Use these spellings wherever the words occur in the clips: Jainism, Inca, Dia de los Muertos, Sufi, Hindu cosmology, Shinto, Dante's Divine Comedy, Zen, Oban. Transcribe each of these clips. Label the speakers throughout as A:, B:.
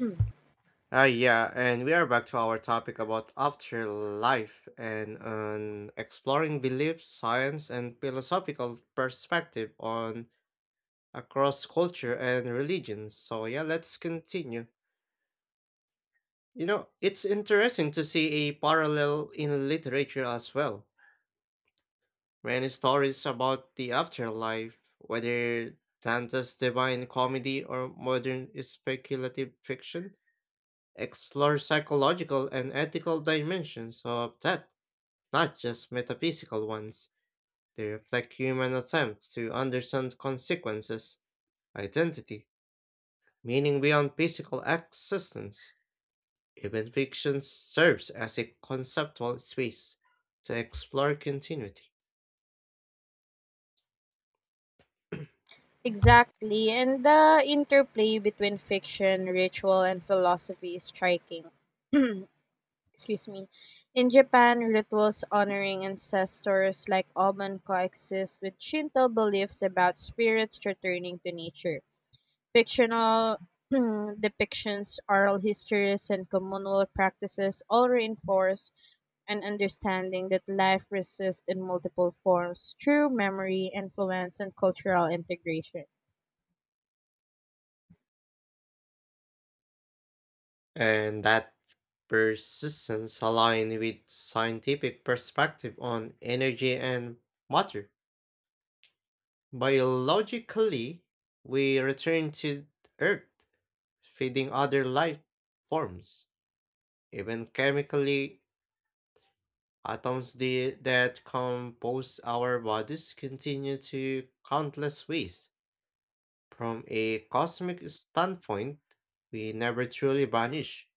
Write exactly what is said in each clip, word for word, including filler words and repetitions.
A: Mm.
B: Ah, yeah, and we are back to our topic about afterlife and um, exploring beliefs, science, and philosophical perspective on across culture and religions. So yeah, let's continue. You know, it's interesting to see a parallel in literature as well. Many stories about the afterlife, whether Dante's Divine Comedy or modern speculative fiction, explore psychological and ethical dimensions of death, not just metaphysical ones. They reflect human attempts to understand consequences, identity, meaning beyond physical existence. Even fiction serves as a conceptual space to explore continuity.
A: Exactly, and the interplay between fiction, ritual, and philosophy is striking. Excuse me. In Japan, rituals honoring ancestors like Oban coexist with Shinto beliefs about spirits returning to nature. Fictional depictions, oral histories, and communal practices all reinforce an understanding that life persists in multiple forms, through memory, influence, and cultural integration.
B: And that persistence aligns with scientific perspective on energy and matter. Biologically, we return to Earth, feeding other life forms. Even chemically, atoms the, that compose our bodies continue to countless ways. From a cosmic standpoint, we never truly vanish,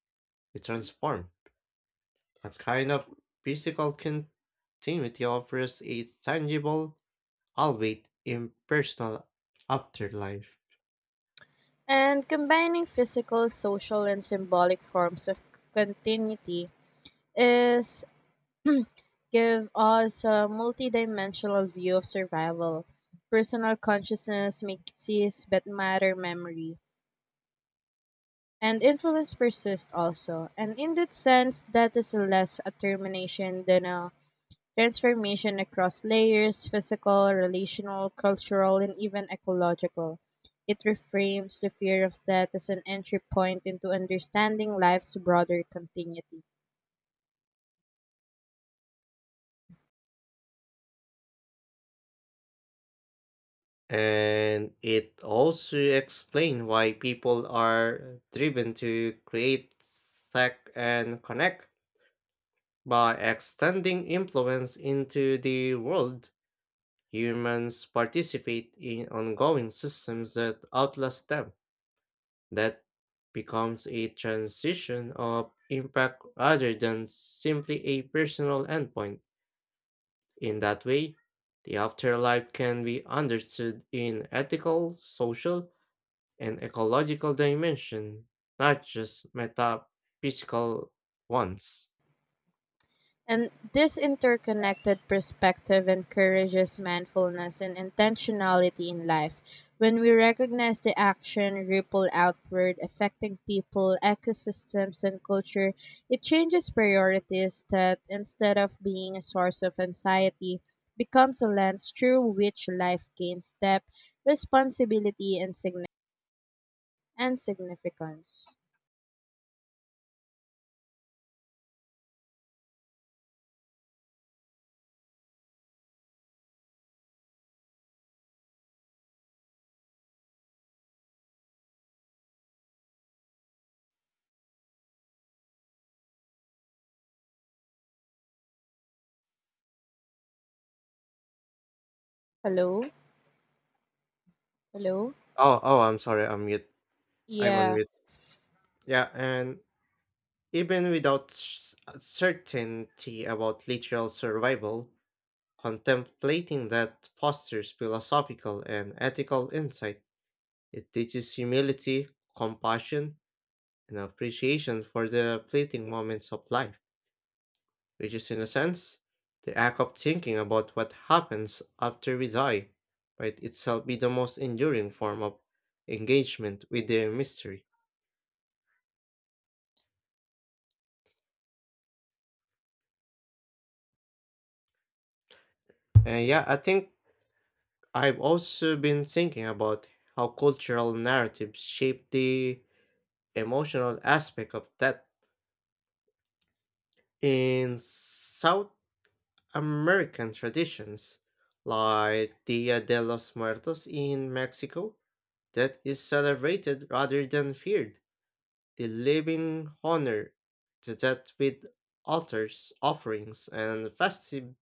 B: we transform. That kind of physical continuity offers a tangible, albeit impersonal, afterlife.
A: And combining physical, social, and symbolic forms of continuity is give us a multidimensional view of survival. Personal consciousness makes cease but matter memory. And influence persist also. And in that sense, that is less a termination than a transformation across layers physical, relational, cultural, and even ecological. It reframes the fear of death as an entry point into understanding life's broader continuity.
B: And it also explains why people are driven to create, seek, and connect. By extending influence into the world, humans participate in ongoing systems that outlast them. That becomes a transition of impact rather than simply a personal endpoint. In that way, the afterlife can be understood in ethical, social, and ecological dimension, not just metaphysical ones.
A: And this interconnected perspective encourages mindfulness and intentionality in life. When we recognize the action ripple outward, affecting people, ecosystems, and culture, it changes priorities that, instead of being a source of anxiety, becomes a lens through which life gains depth, responsibility, and, signi- and significance. Hello? Hello?
B: Oh, oh, I'm sorry, I'm mute. I'm on
A: Yeah.
B: mute. Yeah, and even without s- uh, certainty about literal survival, contemplating that fosters philosophical and ethical insight. It teaches humility, compassion, and appreciation for the fleeting moments of life, which is, in a sense, the act of thinking about what happens after we die might itself be the most enduring form of engagement with the mystery. And yeah, I think I've also been thinking about how cultural narratives shape the emotional aspect of death in South American traditions, like Dia de los Muertos in Mexico, that is celebrated rather than feared. The living honor the dead with altars, offerings, and festivities,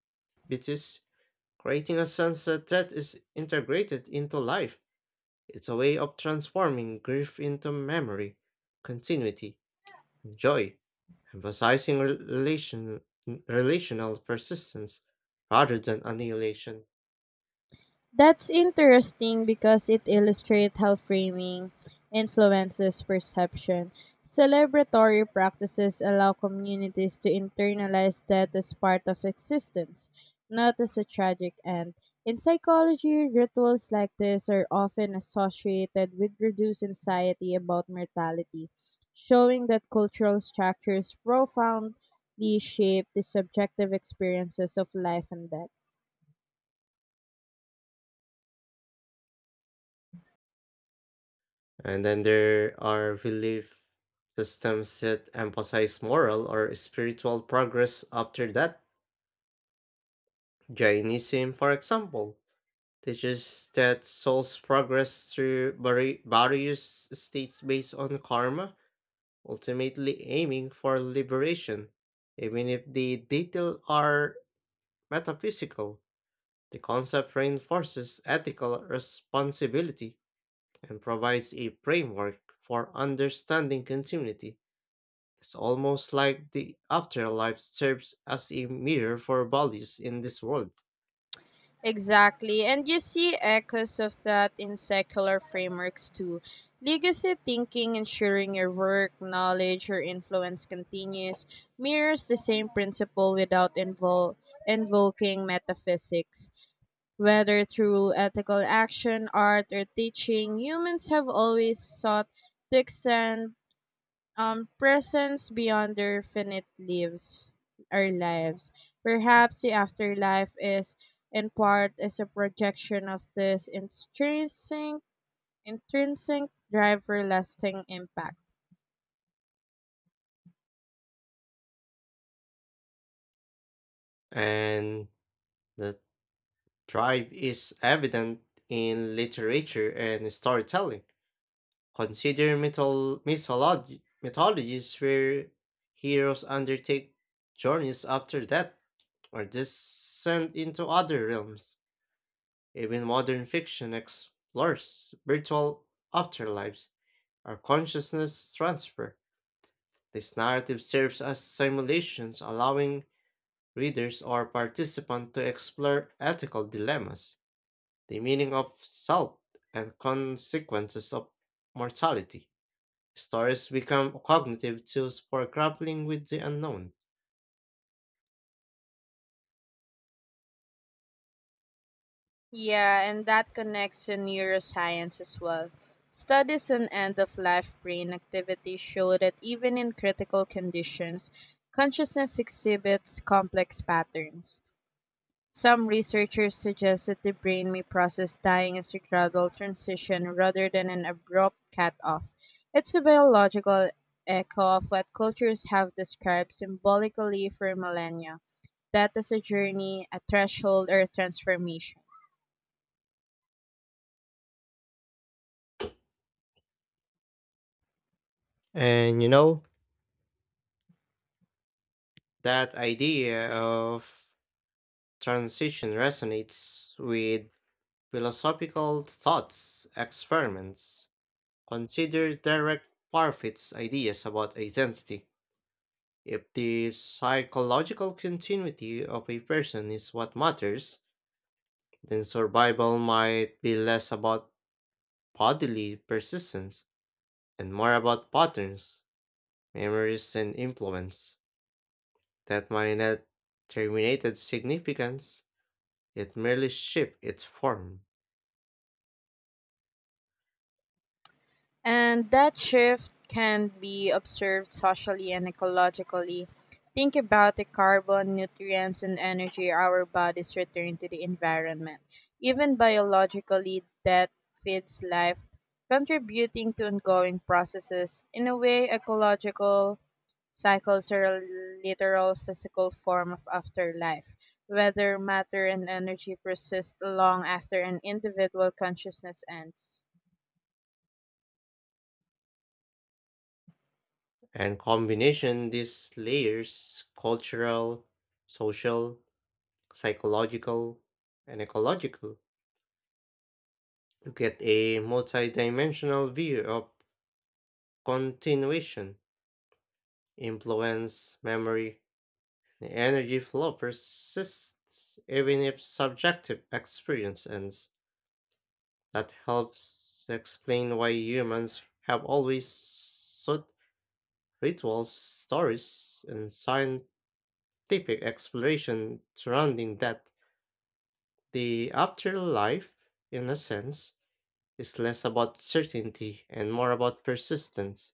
B: creating a sense that death is integrated into life. It's a way of transforming grief into memory, continuity, and joy, emphasizing rel- relation, relational persistence rather than annihilation.
A: That's interesting because it illustrates how framing influences perception. Celebratory practices allow communities to internalize death as part of existence, not as a tragic end. In psychology, rituals like this are often associated with reduced anxiety about mortality, showing that cultural structures profoundly shape the subjective experiences of life and death.
B: And then there are belief systems that emphasize moral or spiritual progress after that. Jainism, for example, teaches that souls progress through vari- various states based on karma, ultimately aiming for liberation. Even if the details are metaphysical, the concept reinforces ethical responsibility and provides a framework for understanding continuity. It's almost like the afterlife serves as a mirror for values in this world.
A: Exactly. And you see echoes of that in secular frameworks too. Legacy thinking, ensuring your work, knowledge, or influence continues, mirrors the same principle without invol- invoking metaphysics. Whether through ethical action, art, or teaching, humans have always sought to extend um, presence beyond their finite lives, our lives. Perhaps the afterlife is, in part, is a projection of this intrinsic, intrinsic drive for lasting impact.
B: And the drive is evident in literature and storytelling. Consider mythol- mythology- mythologies where heroes undertake journeys after death or descend into other realms. Even modern fiction explores virtual afterlives or consciousness transfer. This narrative serves as simulations, allowing readers or participants to explore ethical dilemmas, the meaning of self, and consequences of mortality. Stories become cognitive tools for grappling with the unknown.
A: Yeah, and that connects to neuroscience as well. Studies on end of life brain activity show that even in critical conditions, consciousness exhibits complex patterns. Some researchers suggest that the brain may process dying as a gradual transition rather than an abrupt cut off. It's a biological echo of what cultures have described symbolically for millennia death as a journey, a threshold, or a transformation.
B: And you know, that idea of transition resonates with philosophical thoughts, experiments. Consider direct Parfit's ideas about identity. If the psychological continuity of a person is what matters, then survival might be less about bodily persistence and more about patterns, memories, and influence that might not terminated significance, it merely shaped its form.
A: And that shift can be observed socially and ecologically. Think about the carbon, nutrients, and energy our bodies return to the environment. Even biologically, that feeds life, contributing to ongoing processes. In a way, ecological cycles are a literal physical form of afterlife. Whether matter and energy persist long after an individual consciousness ends.
B: And combination these layers cultural, social, psychological, and ecological, you get a multidimensional view of continuation, influence, memory. The energy flow persists even if subjective experience ends. That helps explain why humans have always sought rituals, stories, and scientific exploration surrounding that. The afterlife, in a sense, is less about certainty and more about persistence.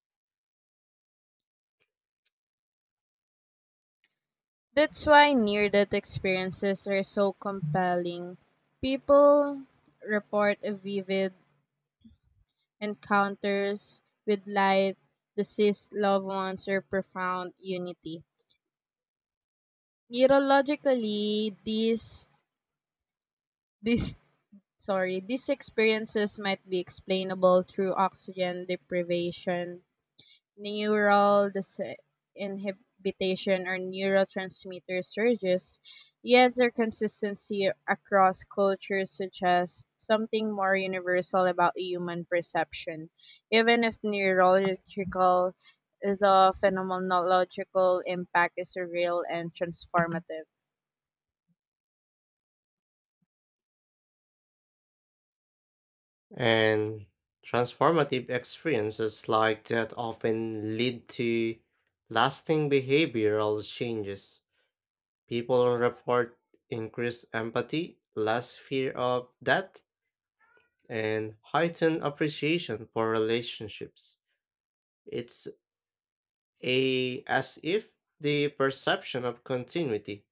A: That's why near death experiences are so compelling. People report a vivid encounters with light, deceased loved ones, or profound unity. Neurologically, these this sorry, these experiences might be explainable through oxygen deprivation neural dis- inhibition or neurotransmitter surges, yet their consistency across cultures suggests something more universal about human perception. Even if neurological, the phenomenological impact is real and transformative.
B: And transformative experiences like that often lead to lasting behavioral changes. People report increased empathy, less fear of death, and heightened appreciation for relationships. It's a as if the perception of continuity,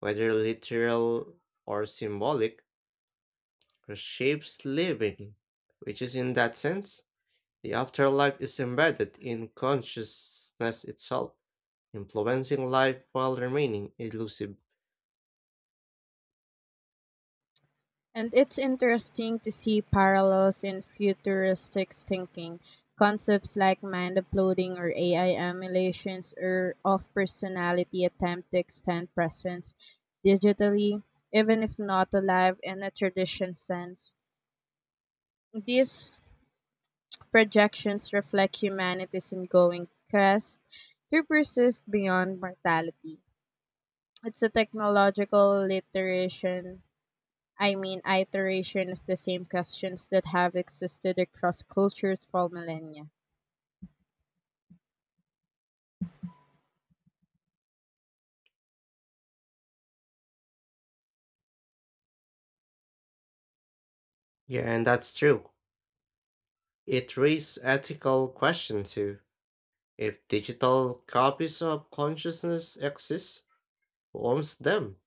B: whether literal or symbolic, reshapes living, which is in that sense, the afterlife is embedded in consciousness itself, influencing life while remaining elusive.
A: And it's interesting to see parallels in futuristic thinking. Concepts like mind uploading or A I emulations or of personality attempt to extend presence digitally, even if not alive in a traditional sense. These projections reflect humanity's ongoing quest to persist beyond mortality. It's a technological literation I mean, iteration of the same questions that have existed across cultures for millennia.
B: Yeah, and that's true. It raises ethical question too. If digital copies of consciousness exist, who owns them?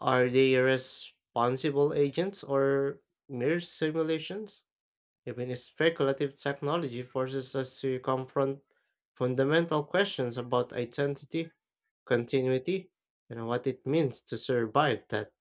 B: Are they responsible agents or mere simulations? Even speculative technology forces us to confront fundamental questions about identity, continuity, and what it means to survive that.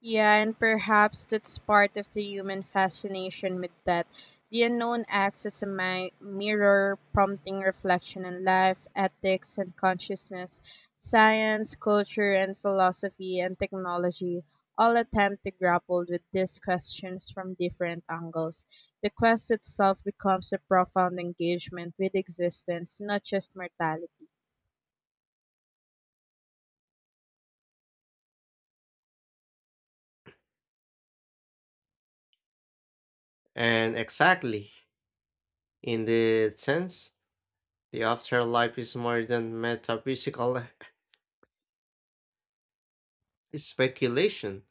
A: Yeah, and perhaps that's part of the human fascination with death. The unknown acts as a mi- mirror, prompting reflection on life, ethics, and consciousness. Science, culture, and philosophy, and technology all attempt to grapple with these questions from different angles. The quest itself becomes a profound engagement with existence, not just mortality.
B: And exactly, in that sense, the afterlife is more than metaphysical speculation.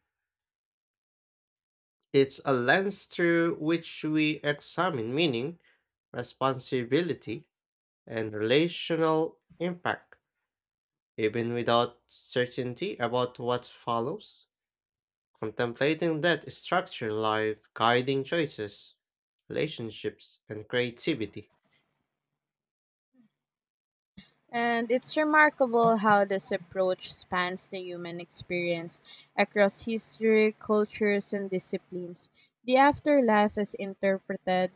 B: It's a lens through which we examine meaning, responsibility, and relational impact. Even without certainty about what follows, contemplating that structure life guiding choices, relationships, and creativity.
A: And it's remarkable how this approach spans the human experience across history, cultures, and disciplines. The afterlife is interpreted,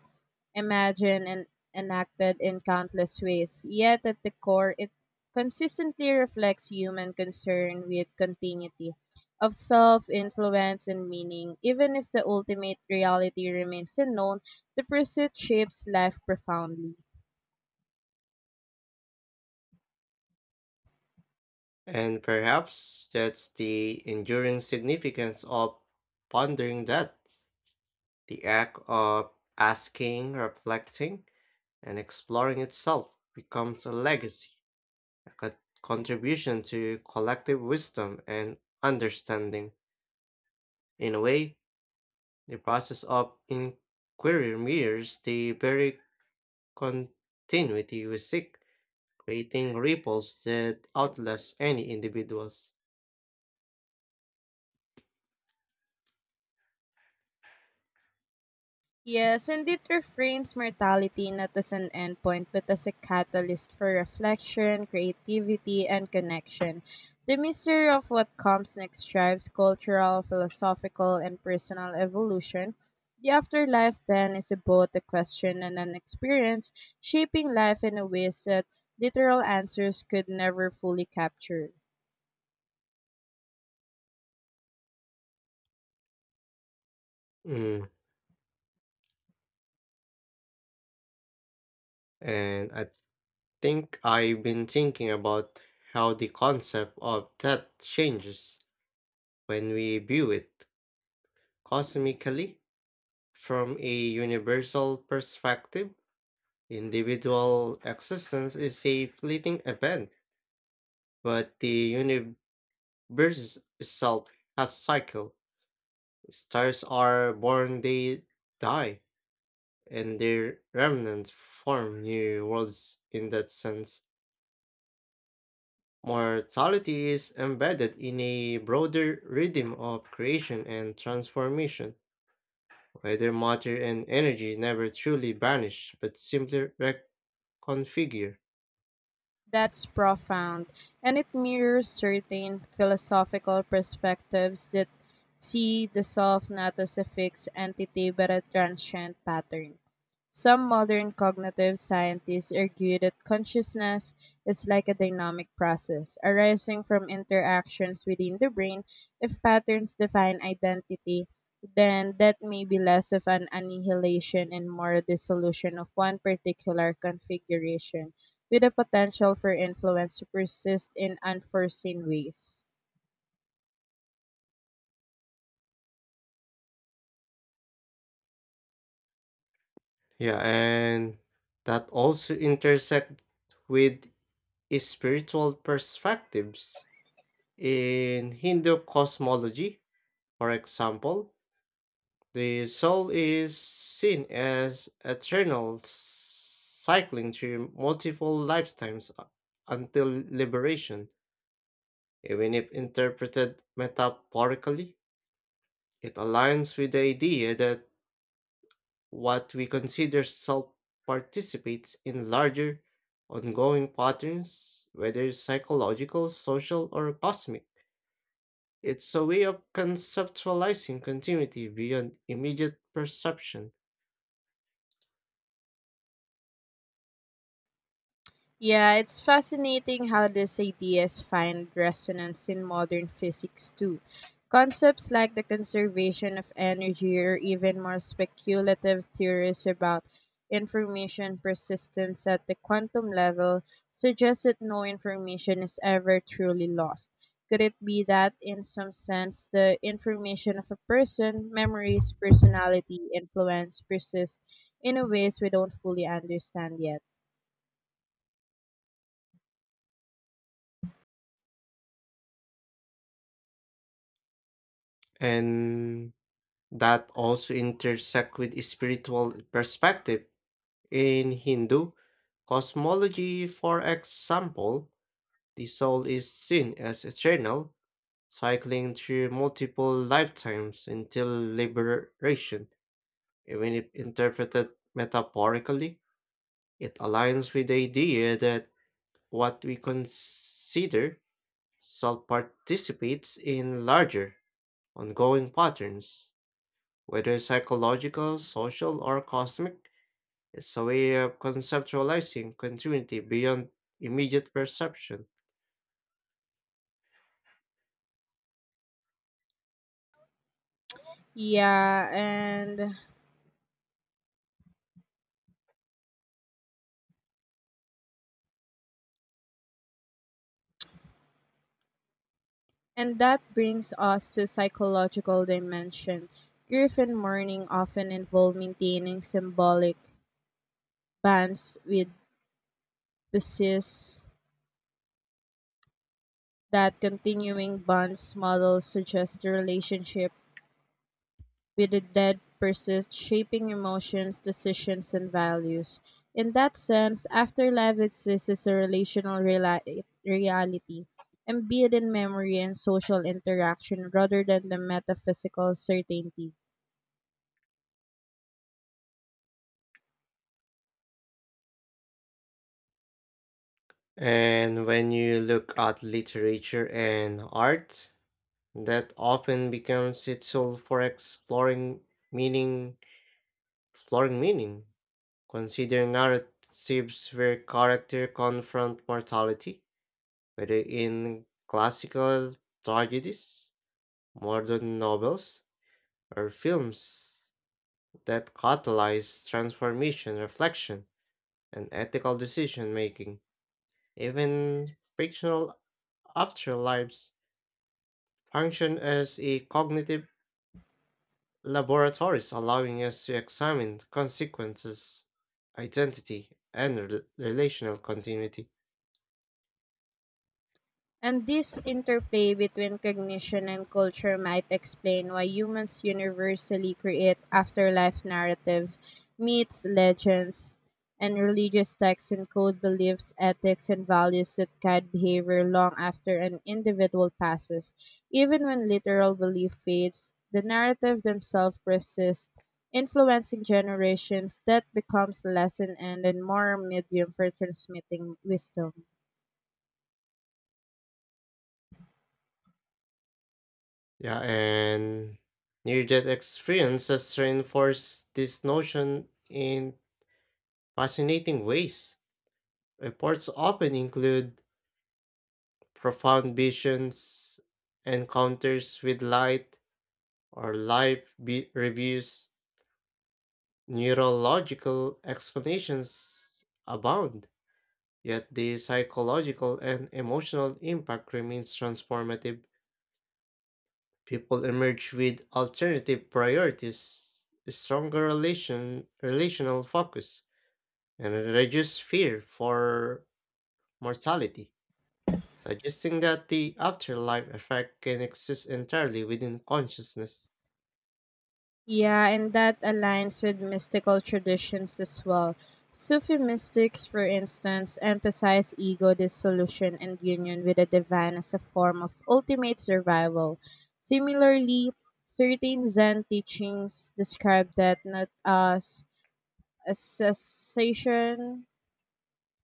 A: imagined, and enacted in countless ways, yet at the core, it consistently reflects human concern with continuity of self, influence, and meaning. Even if the ultimate reality remains unknown, the pursuit shapes life profoundly.
B: And perhaps that's the enduring significance of pondering that the act of asking, reflecting, and exploring itself becomes a legacy, a co- contribution to collective wisdom and understanding. In a way, the process of inquiry mirrors the very continuity we seek, creating ripples that outlast any individuals.
A: Yes, and it reframes mortality not as an endpoint but as a catalyst for reflection, creativity, and connection. The mystery of what comes next drives cultural, philosophical, and personal evolution. The afterlife, then, is both a question and an experience, shaping life in a ways that literal answers could never fully capture.
B: Mm, and I think I've been thinking about how the concept of death changes when we view it cosmically. From a universal perspective, individual existence is a fleeting event, but the universe itself has cycle. Stars are born, they die, and their remnants form new worlds in that sense. Mortality is embedded in a broader rhythm of creation and transformation, where matter and energy never truly vanish but simply reconfigure.
A: That's profound, and it mirrors certain philosophical perspectives that see the self not as a fixed entity but a transient pattern. Some modern cognitive scientists argue that consciousness is like a dynamic process arising from interactions within the brain. If patterns define identity, then that may be less of an annihilation and more a dissolution of one particular configuration with the potential for influence to persist in unforeseen ways.
B: Yeah, and that also intersect with spiritual perspectives. In Hindu cosmology, for example, the soul is seen as eternal, cycling through multiple lifetimes u- until liberation. Even if interpreted metaphorically, it aligns with the idea that what we consider self participates in larger, ongoing patterns, whether psychological, social, or cosmic. It's a way of conceptualizing continuity beyond immediate perception,
A: Yeah, it's fascinating how these ideas find resonance in modern physics too. Concepts like the conservation of energy or even more speculative theories about information persistence at the quantum level suggest that no information is ever truly lost. Could it be that, in some sense, the information of a person, memories, personality, influence persist in a ways we don't fully understand yet?
B: and that also intersect with spiritual perspective. In Hindu cosmology, for example, the soul is seen as eternal, cycling through multiple lifetimes until liberation. Even if interpreted metaphorically, it aligns with the idea that what we consider self participates in larger, ongoing patterns, whether psychological, social, or cosmic. It's a way of conceptualizing continuity beyond immediate perception.
A: Yeah, and and that brings us to psychological dimension. Griffin mourning often involve maintaining symbolic bonds with deceased. That continuing bonds model suggest the relationship with the dead persist, shaping emotions, decisions, and values. In that sense, afterlife exists as a relational reali- reality, embedded in memory and social interaction rather than the metaphysical certainty.
B: And when you look at literature and art, that often becomes its tool for exploring meaning, exploring meaning. Consider narratives where character confront mortality, whether in classical tragedies, modern novels, or films that catalyze transformation, reflection, and ethical decision making. Even fictional afterlives function as a cognitive laboratories allowing us to examine consequences, identity, and rel- relational continuity.
A: And this interplay between cognition and culture might explain why humans universally create afterlife narratives, myths, legends, and religious texts encode beliefs, ethics, and values that guide behavior long after an individual passes. Even when literal belief fades, the narrative themselves persists, influencing generations that becomes lesson and a more medium for transmitting wisdom.
B: Yeah, and near death experiences reinforce this notion in fascinating ways. Reports often include profound visions, encounters with light, or live be- reviews. Neurological explanations abound. Yet the psychological and emotional impact remains transformative. People emerge with alternative priorities, a stronger relation, relational focus, and a reduced fear for mortality, suggesting that the afterlife effect can exist entirely within consciousness.
A: Yeah, and that aligns with mystical traditions as well. Sufi mystics, for instance, emphasize ego dissolution and union with the divine as a form of ultimate survival. Similarly, certain Zen teachings describe that not as a cessation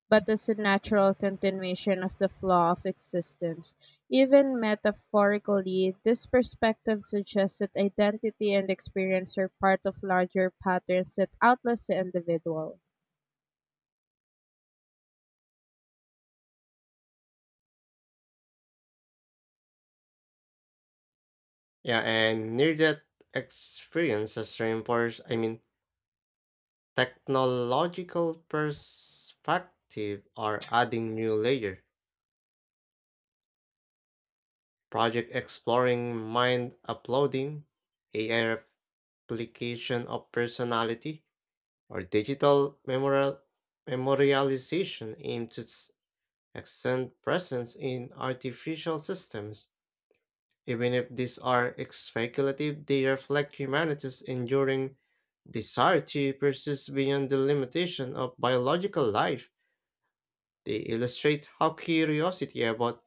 A: but as a natural continuation of the flow of existence. Even metaphorically, this perspective suggests that identity and experience are part of larger patterns that outlast the individual.
B: Yeah, and near death experiences reinforce, I mean, technological perspective are adding new layer. Project exploring mind uploading, A I application of personality, or digital memorial, memorialization aim to s- extend presence in artificial systems. Even if these are speculative, they reflect humanity's enduring desire to persist beyond the limitation of biological life. They illustrate how curiosity about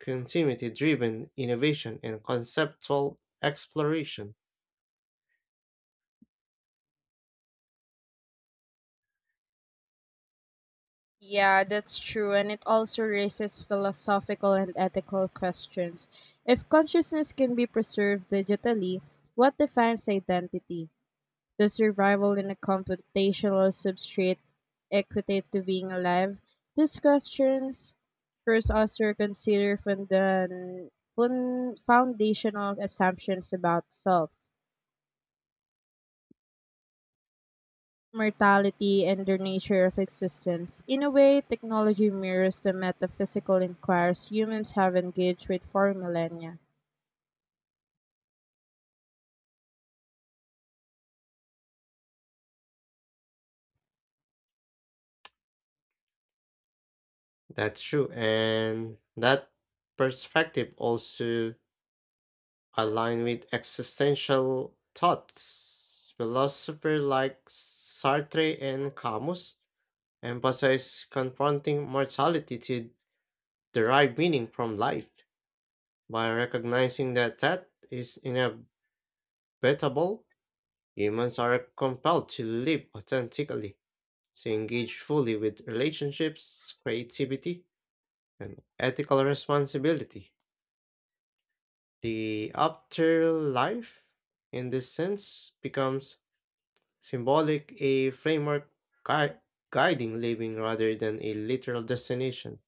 B: continuity driven innovation and conceptual exploration.
A: Yeah, that's true, and it also raises philosophical and ethical questions. If consciousness can be preserved digitally, what defines identity? The survival in a computational substrate equitate to being alive? These questions force us to reconsider funda- fun- foundational assumptions about self, mortality, and the nature of existence. In a way, technology mirrors the metaphysical inquiries humans have engaged with for millennia.
B: That's true, and that perspective also align with existential thoughts. Philosophers like Sartre and Camus emphasize confronting mortality to derive meaning from life. By recognizing that death is inevitable, humans are compelled to live authentically, to engage fully with relationships, creativity, and ethical responsibility. The afterlife, in this sense, becomes symbolic, a framework gui- guiding living rather than a literal destination.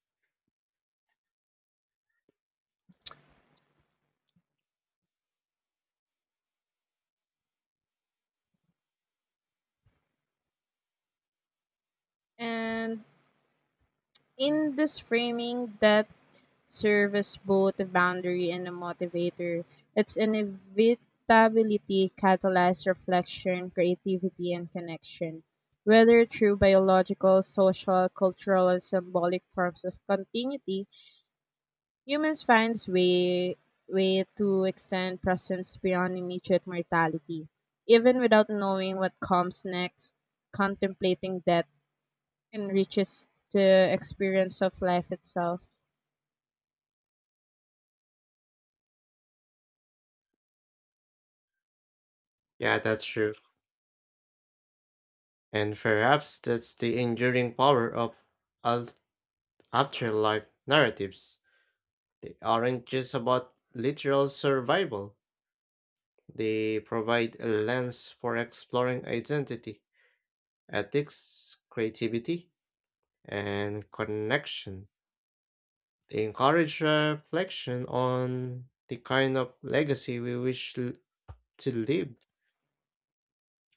A: And in this framing that serves both a boundary and a motivator, its inevitability catalyzes reflection, creativity, and connection. Whether through biological, social, cultural, and symbolic forms of continuity, humans find way, way to extend presence beyond immediate mortality. Even without knowing what comes next, contemplating death enriches the experience of life itself.
B: Yeah, that's true. And perhaps that's the enduring power of al- afterlife narratives. They aren't just about literal survival, they provide a lens for exploring identity, ethics, creativity, and connection. They encourage reflection on the kind of legacy we wish l- to leave,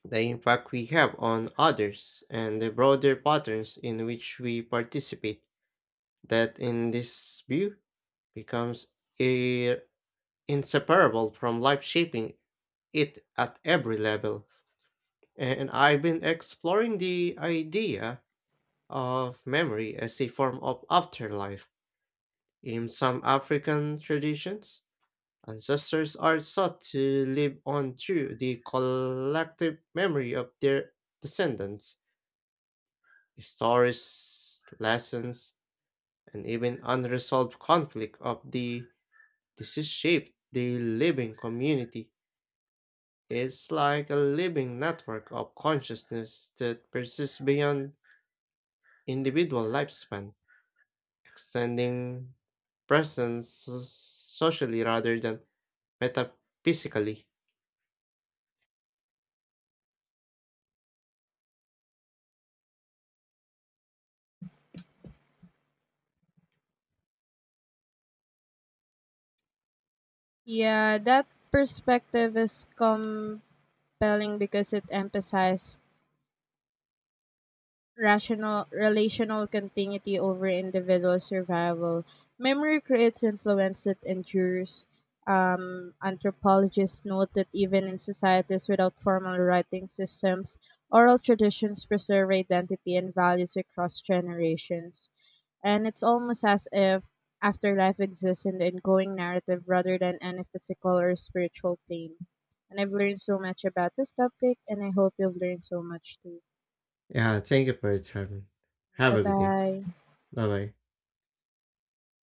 B: the impact we have on others, and the broader patterns in which we participate. That, in this view, becomes i- inseparable from life shaping it at every level. And I've been exploring the idea of memory as a form of afterlife. In some African traditions, ancestors are thought to live on through the collective memory of their descendants. Stories, lessons, and even unresolved conflict of the disease shape the living community. It's like a living network of consciousness that persists beyond individual lifespan, extending presence so-, socially rather than metaphysically.
A: Yeah, that perspective is compelling because it emphasizes rational relational continuity over individual survival. Memory creates influence that endures. Um, anthropologists note that even in societies without formal writing systems, oral traditions preserve identity and values across generations. And it's almost as if afterlife exists in the ongoing narrative rather than any physical or spiritual pain. And I've learned so much about this topic, and I hope you've learned so much too.
B: Yeah, thank you for your time. Have
A: Bye
B: a good day.
A: bye.
B: Bye bye.